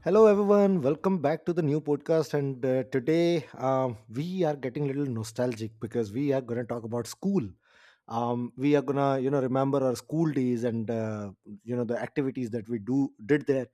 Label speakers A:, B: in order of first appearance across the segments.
A: Hello, everyone. Welcome back to the new podcast. And today, we are getting a little nostalgic because we are going to talk about school. We are going to, remember our school days and, the activities that we do did there.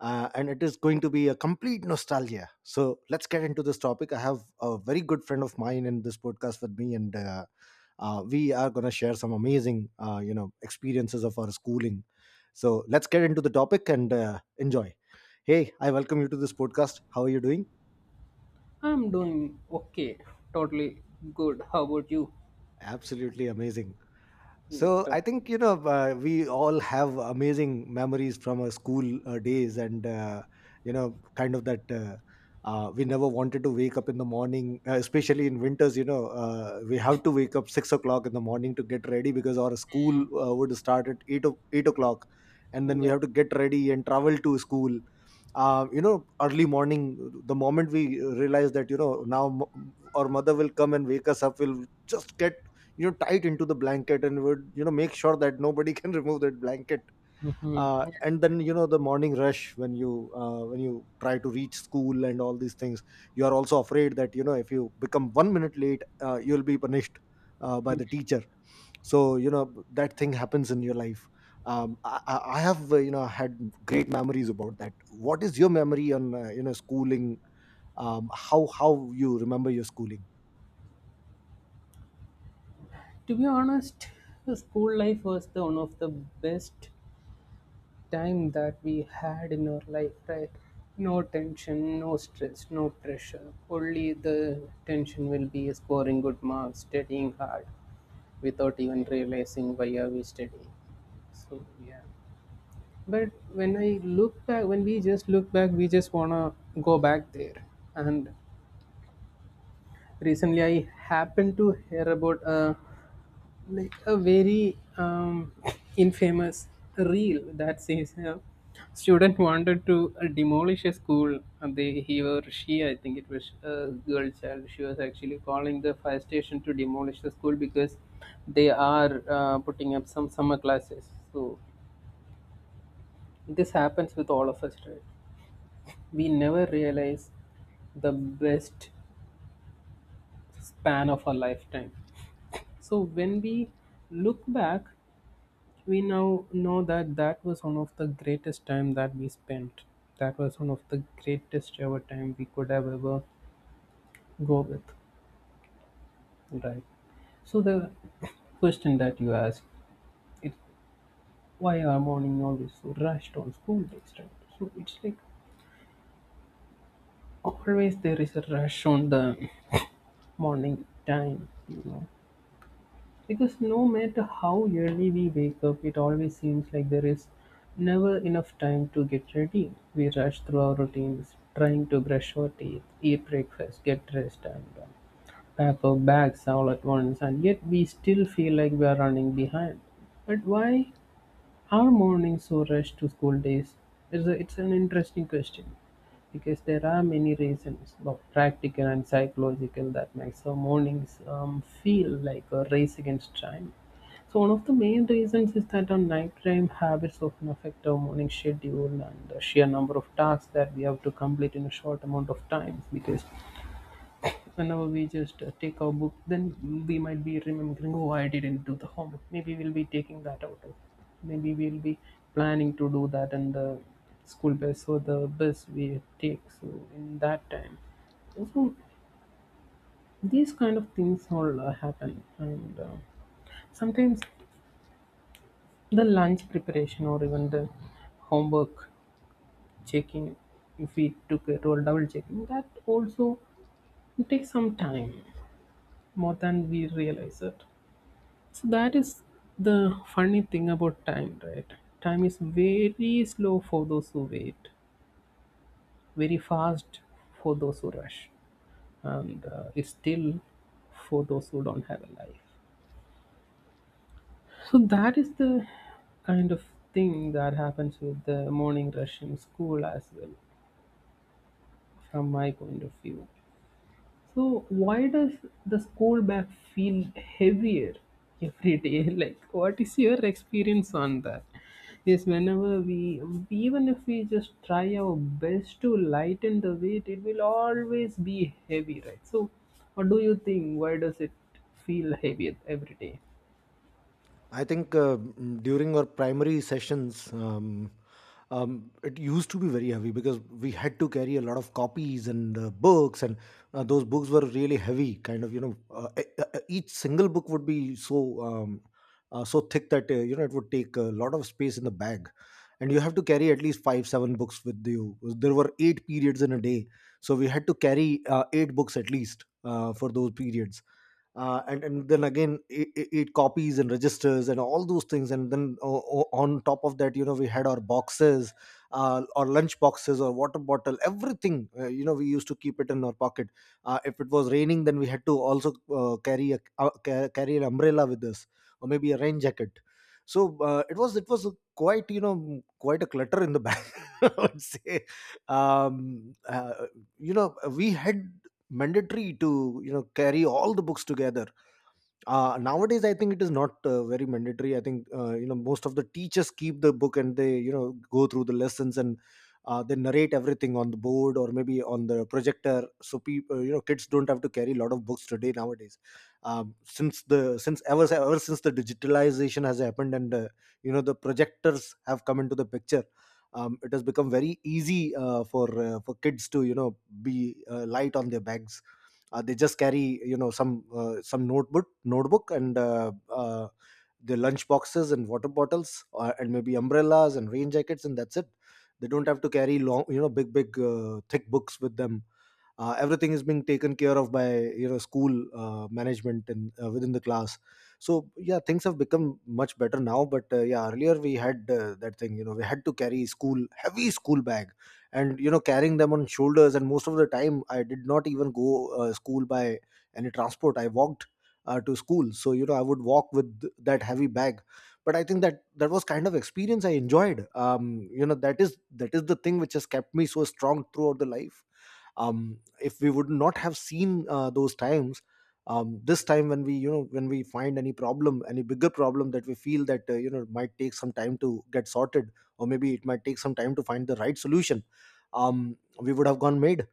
A: And it is going to be a complete nostalgia. So let's get into this topic. I have a very good friend of mine in this podcast with me. And we are going to share some amazing, experiences of our schooling. So let's get into the topic and enjoy. Hey, I welcome you to this podcast. How are you doing?
B: I'm doing okay, totally good. How about you?
A: Absolutely amazing. So
B: Right.
A: I think, we all have amazing memories from our school days, and you know, kind of that we never wanted to wake up in the morning, especially in winters. We have to wake up 6 o'clock in the morning to get ready because our school would start at 8 o'clock, and then
B: Mm,
A: we
B: yeah.
A: have to get ready and travel to school. Early morning, the moment we realize that now our mother will come and wake us up, we'll just get tight into the blanket and would make sure that nobody can remove that blanket.
B: Mhm.
A: And then the morning rush, when you, try to reach school and all these things, you are also afraid that if you become 1 minute late, you'll be punished by the teacher. So that thing happens in your life. I have had great memories about that. What is your memory on, schooling? How you remember your schooling?
B: To be honest, the school life was the one of the best time that we had in our life, right? No tension, no stress, no pressure. Only the tension will be scoring good marks, studying hard, without even realizing why are we studying. So yeah. But when I look back, when we just look back, we just wanna go back there. And recently I happened to hear about a, like, a very infamous reel that says a student wanted to demolish a school, and they he or she, I think it was a girl child, she was actually calling the fire station to demolish the school because they are putting up some summer classes. So this happens with all of us, right? We never realize the best span of our lifetime. So when we look back, we now know that that was one of the greatest time that we spent. That was one of the greatest ever time we could have ever go with, right? So the question that you asked, it why are morning always so rushed on school days, right? So it's like always there is a rush on the morning time. Because no matter how early we wake up, it always seems like there is never enough time to get ready. We rush through our routines, trying to brush our teeth, eat breakfast, get dressed, and pack our bags all at once, and yet we still feel like we are running behind. But why? Are mornings so rushed to school days? It's an interesting question because there are many reasons, both practical and psychological, that makes our mornings feel like a race against time. So one of the main reasons is that our nighttime habits often affect our morning schedule, and the sheer number of tasks that we have to complete in a short amount of time. Because whenever we just take our book, then we might be remembering, oh, I didn't do the homework, maybe we'll be taking that out of, maybe we'll be planning to do that in the school bus, or the bus we take. So in that time, so these kind of things all happen. And sometimes the lunch preparation, or even the homework checking, if we took it, or double checking, that also takes some time, more than we realize it. So that is the funny thing about time, right? Time is very slow for those who wait, very fast for those who rush, and it's still for those who don't have a life. So that is the kind of thing that happens with the morning rush in school as well, from my point of view. So why does the school bag feel heavier every day? Like what is your experience on that? Yes, whenever we even if we just try our best to lighten the weight, it will always be heavy, right? So what do you think? Why does it feel heavier every day?
A: I think, during our primary sessions, it used to be very heavy because we had to carry a lot of copies and books, and those books were really heavy. Kind of, each single book would be so, so thick that, it would take a lot of space in the bag, and you have to carry at least five, seven books with you. There were eight periods in a day, so we had to carry eight books at least for those periods. And then again, it copies and registers and all those things. And then on top of that, we had our boxes, or lunch boxes or water bottle, everything. We used to keep it in our pocket. If it was raining, then we had to also carry carry an umbrella with us, or maybe a rain jacket. So it was a quite, quite a clutter in the bag, I would say. um, uh, we had mandatory to carry all the books together. Nowadays, I think it is not very mandatory. I think, most of the teachers keep the book and they go through the lessons, and they narrate everything on the board or maybe on the projector. So people, kids don't have to carry a lot of books today nowadays. Um, since the since ever ever since the digitalization has happened, and the projectors have come into the picture, it has become very easy for kids to be light on their bags. They just carry, some notebook, and their lunch boxes and water bottles, and maybe umbrellas and rain jackets, and that's it. They don't have to carry long, big, thick books with them. Everything is being taken care of by school management, and within the class. So yeah, things have become much better now, but yeah, earlier we had, that thing, we had to carry school, heavy school bag, and carrying them on shoulders. And most of the time, I did not even go school by any transport. I walked to school. So I would walk with that heavy bag. But I think that that was kind of experience I enjoyed. That is the thing which has kept me so strong throughout the life. If we would not have seen those times, this time when we, find any problem, any bigger problem that we feel that, might take some time to get sorted, or maybe it might take some time to find the right solution, we would have gone mad,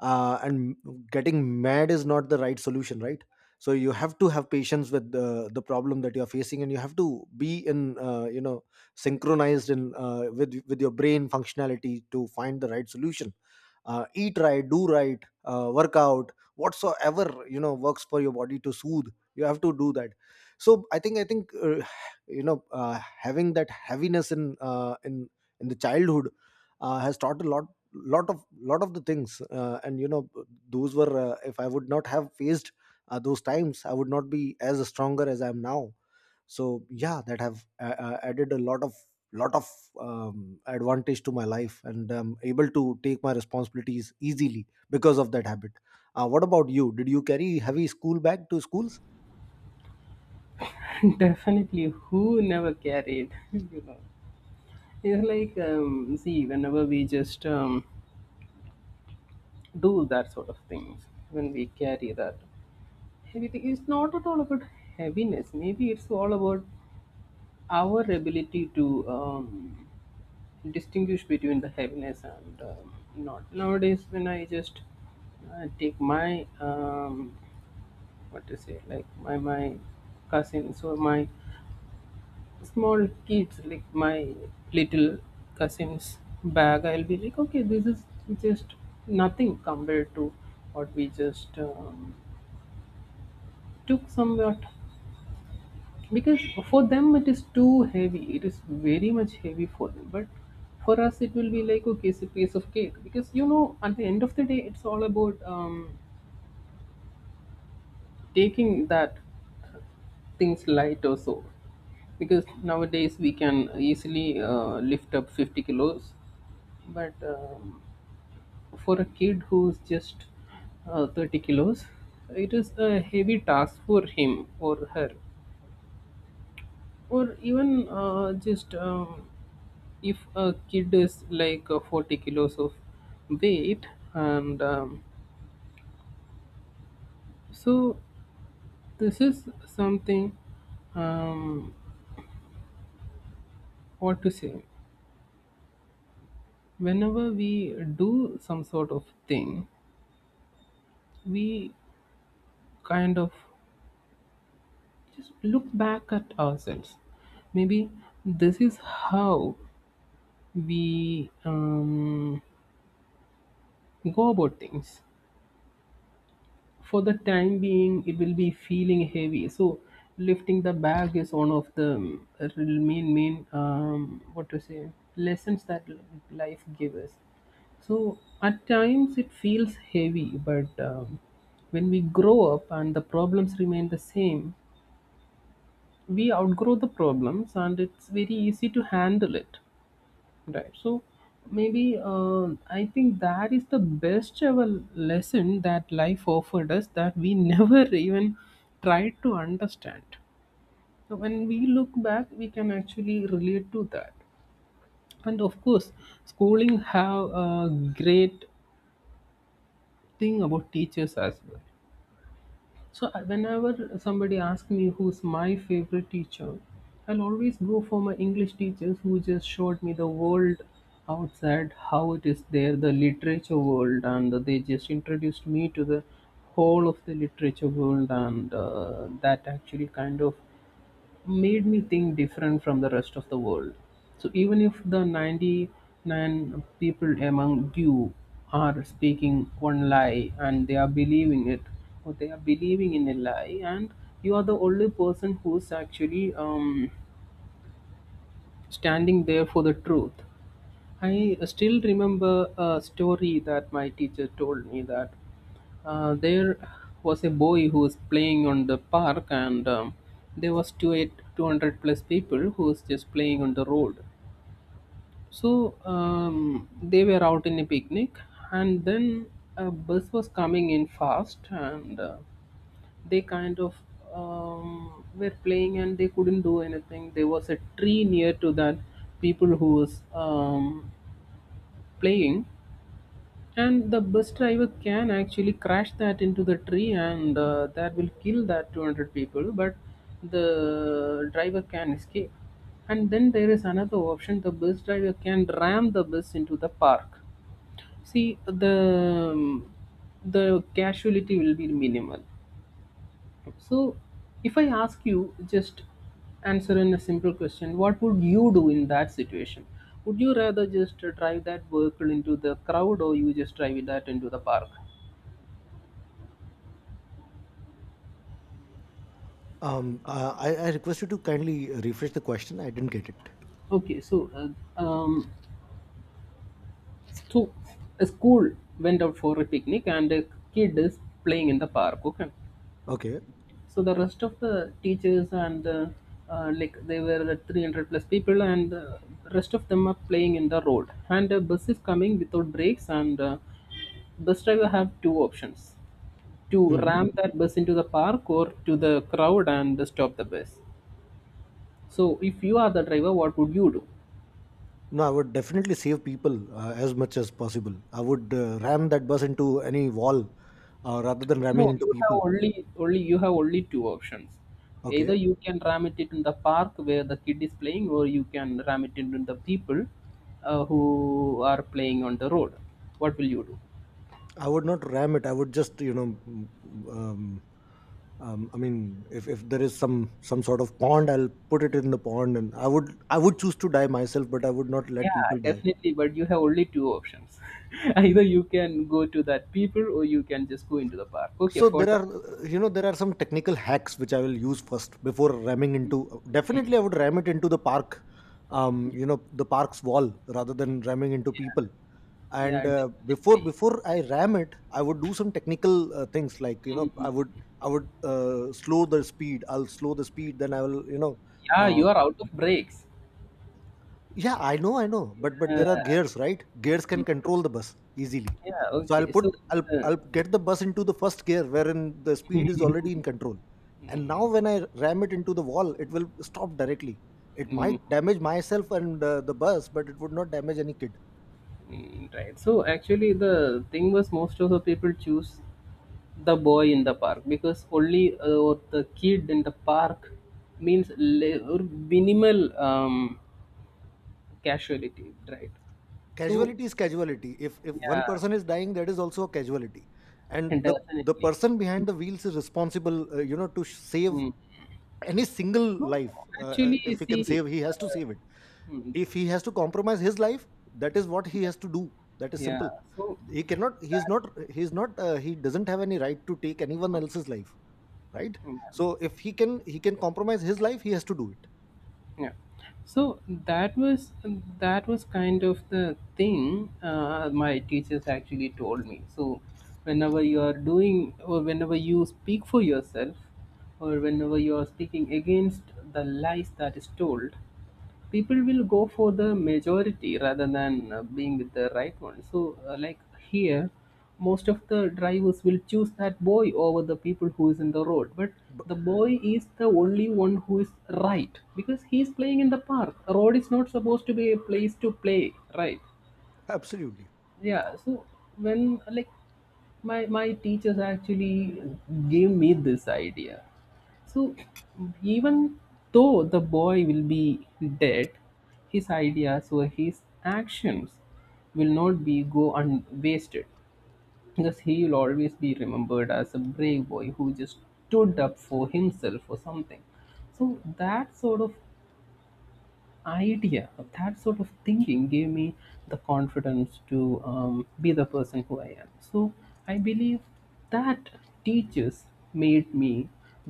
A: and getting mad is not the right solution, right? So you have to have patience with the problem that you are facing, and you have to be in, synchronized in, with your brain functionality to find the right solution. Eat right, do right, work out whatsoever works for your body to soothe. You have to do that. So I think, having that heaviness in, in the childhood, has taught a lot, lot of the things, and those were. If I would not have faced those times, I would not be as stronger as I am now. So yeah, that have added a lot of, lot of advantage to my life, and I'm able to take my responsibilities easily because of that habit. What about you? Did you carry heavy school bag to schools?
B: Definitely, who never carried, you know? It's like, see, whenever we just do that sort of things, when we carry that, everything is not at all about heaviness. Maybe it's all about our ability to distinguish between the heaviness and not. Nowadays when I just take my what to say, like my cousins or my small kids, like my little cousins bag, I'll be like, okay, this is just nothing compared to what we just took somewhat. Because for them it is too heavy, it is very much heavy for them, but for us it will be like, okay, it's a piece of cake. Because at the end of the day it's all about taking that things light or so. Because nowadays we can easily lift up 50 kilos. But for a kid who's just 30 kilos, it is a heavy task for him or her. Or even just if a kid is like 40 kilos of weight, and so this is something, um, what to say, whenever we do some sort of thing, we kind of just look back at ourselves. Maybe this is how we go about things. For the time being it will be feeling heavy. So lifting the bag is one of the main what to say, lessons that life gives us. So at times it feels heavy, but when we grow up and the problems remain the same, we outgrow the problems and it's very easy to handle it. Right. So maybe I think that is the best ever lesson that life offered us, that we never even tried to understand. So when we look back, we can actually relate to that. And of course, schooling have a great thing about teachers as well. So whenever somebody asks me who's my favorite teacher, I'll always go for my English teachers who just showed me the world outside, how it is there, the literature world, and they just introduced me to the whole of the literature world, and that actually kind of made me think different from the rest of the world. So even if the 99 people among you are speaking one lie and they are believing it, or they are believing in a lie, and you are the only person who's actually standing there for the truth. I still remember a story that my teacher told me that there was a boy who was playing on the park, and there was 200 plus people who was just playing on the road. So they were out in a picnic, and then a bus was coming in fast, and they kind of were playing, and they couldn't do anything. There was a tree near to that people who was playing, and the bus driver can actually crash that into the tree, and that will kill that 200 people. But the driver can escape. And then there is another option: the bus driver can ram the bus into the park. See, the casualty will be minimal. So if I ask you, just answer in a simple question, what would you do in that situation? Would you rather just drive that vehicle into the crowd, or you just drive that into the park?
A: I request you to kindly refresh the question. I didn't get it.
B: Okay, so so a school went out for a picnic, and a kid is playing in the park. Okay,
A: Okay.
B: so the rest of the teachers, and like they were the 300 plus people, and rest of them are playing in the road, and a bus is coming without brakes, and bus driver have two options: to
A: Mhm.
B: ram that bus into the park or to the crowd and stop the bus. So if you are the driver, what would you do?
A: No, I would definitely save people as much as possible. I would ram that bus into any wall rather than ramming
B: No,
A: into
B: you have
A: people.
B: only only you have only two options. Either
A: Okay.
B: you can ram it in the park where the kid is playing, or you can ram it into the people who are playing on the road. What will you do?
A: I would not ram it. I would just, um, I mean, if, there is some sort of pond, I'll put it in the pond, and I would choose to die myself, but I would not let
B: Yeah,
A: people die.
B: definitely. But you have only two options. Either you can go to that people, or you can just go into the park. Okay,
A: So
B: for
A: there
B: the
A: are uh, you know there are some technical hacks which I will use first before ramming into. Definitely
B: Mm,
A: I would ram it into the park, the park's wall, rather than ramming into people.
B: yeah,
A: And
B: yeah,
A: uh, before
B: definitely.
A: before I ram it, I would do some technical things, like, I
B: Mm,
A: would, I would slow the speed I'll slow the speed, then I will.
B: yeah,
A: Uh,
B: you are out of breaks.
A: yeah, I know, I know. But
B: Yeah.
A: there are gears, right? Gears can
B: Mm.
A: control the bus easily.
B: Yeah,
A: So I'll
B: okay.
A: put
B: So, uh,
A: I'll get the bus into the first gear, wherein the speed is already in control. And now
B: mm,
A: when I ram it into the wall, it will stop directly. It
B: mm,
A: might damage myself and, the bus, but it would not damage any kid.
B: Mm, right. So actually, the thing was most of the people choose the boy in the park because only or the kid in the park means le- or minimal casualty, right? So
A: Casualty is casualty. If one
B: yeah,
A: person is dying, that is also a casualty. And the
B: definitely.
A: person behind the wheels is responsible, to save
B: Mm.
A: any single
B: No,
A: life.
B: actually, you
A: If he can
B: see,
A: save, he has to
B: uh,
A: save it.
B: mm,
A: If he has to compromise his life, that is what he has to do. That is
B: yeah.
A: simple.
B: So
A: He cannot he's
B: that.
A: not he's not He doesn't have any right to take anyone else's life, right?
B: Yeah.
A: So if he can compromise his life, he has to do it.
B: yeah so that was kind of the thing, my teachers actually told me. So whenever you are doing, or whenever you speak for yourself, or whenever you are speaking against the lies that is told, people will go for the majority rather than being with the right one. So like here, most of the drivers will choose that boy over the people who is in the road. But
A: B-
B: the boy is the only one who is right because he is playing in the park. A road is not supposed to be a place to play, right?
A: Absolutely,
B: Yeah. So when, like, my teachers actually gave me this idea. So even though the boy will be dead, his ideas or his actions will not be go unwasted, because he will always be remembered as a brave boy who just stood up for himself or something. So that sort of idea, of that sort of thinking, gave me the confidence to be the person who I am. So I believe that teachers made me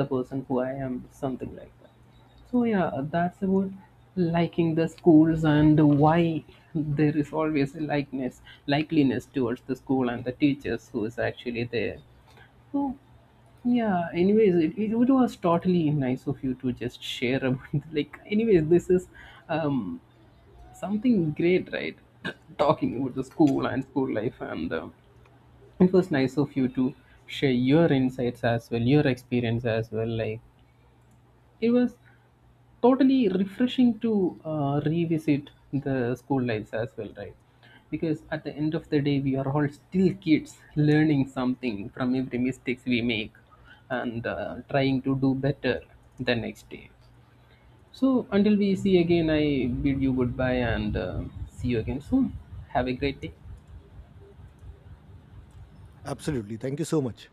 B: the person who I am, something like that. So yeah, that's about liking the schools, and why there is always a likeness, likeliness towards the school and the teachers who is actually there. So, yeah, anyways, it was totally nice of you to just share about, like, anyways, this is um, something great, right? Talking about the school and school life, and it was nice of you to share your insights as well, your experience as well. Like, it was totally refreshing to revisit the school lives as well, right? Because at the end of the day we are all still kids learning something from every mistakes we make, and trying to do better the next day. So until we see again, I bid you goodbye, and see you again soon. Have a great day.
A: absolutely, thank you so much.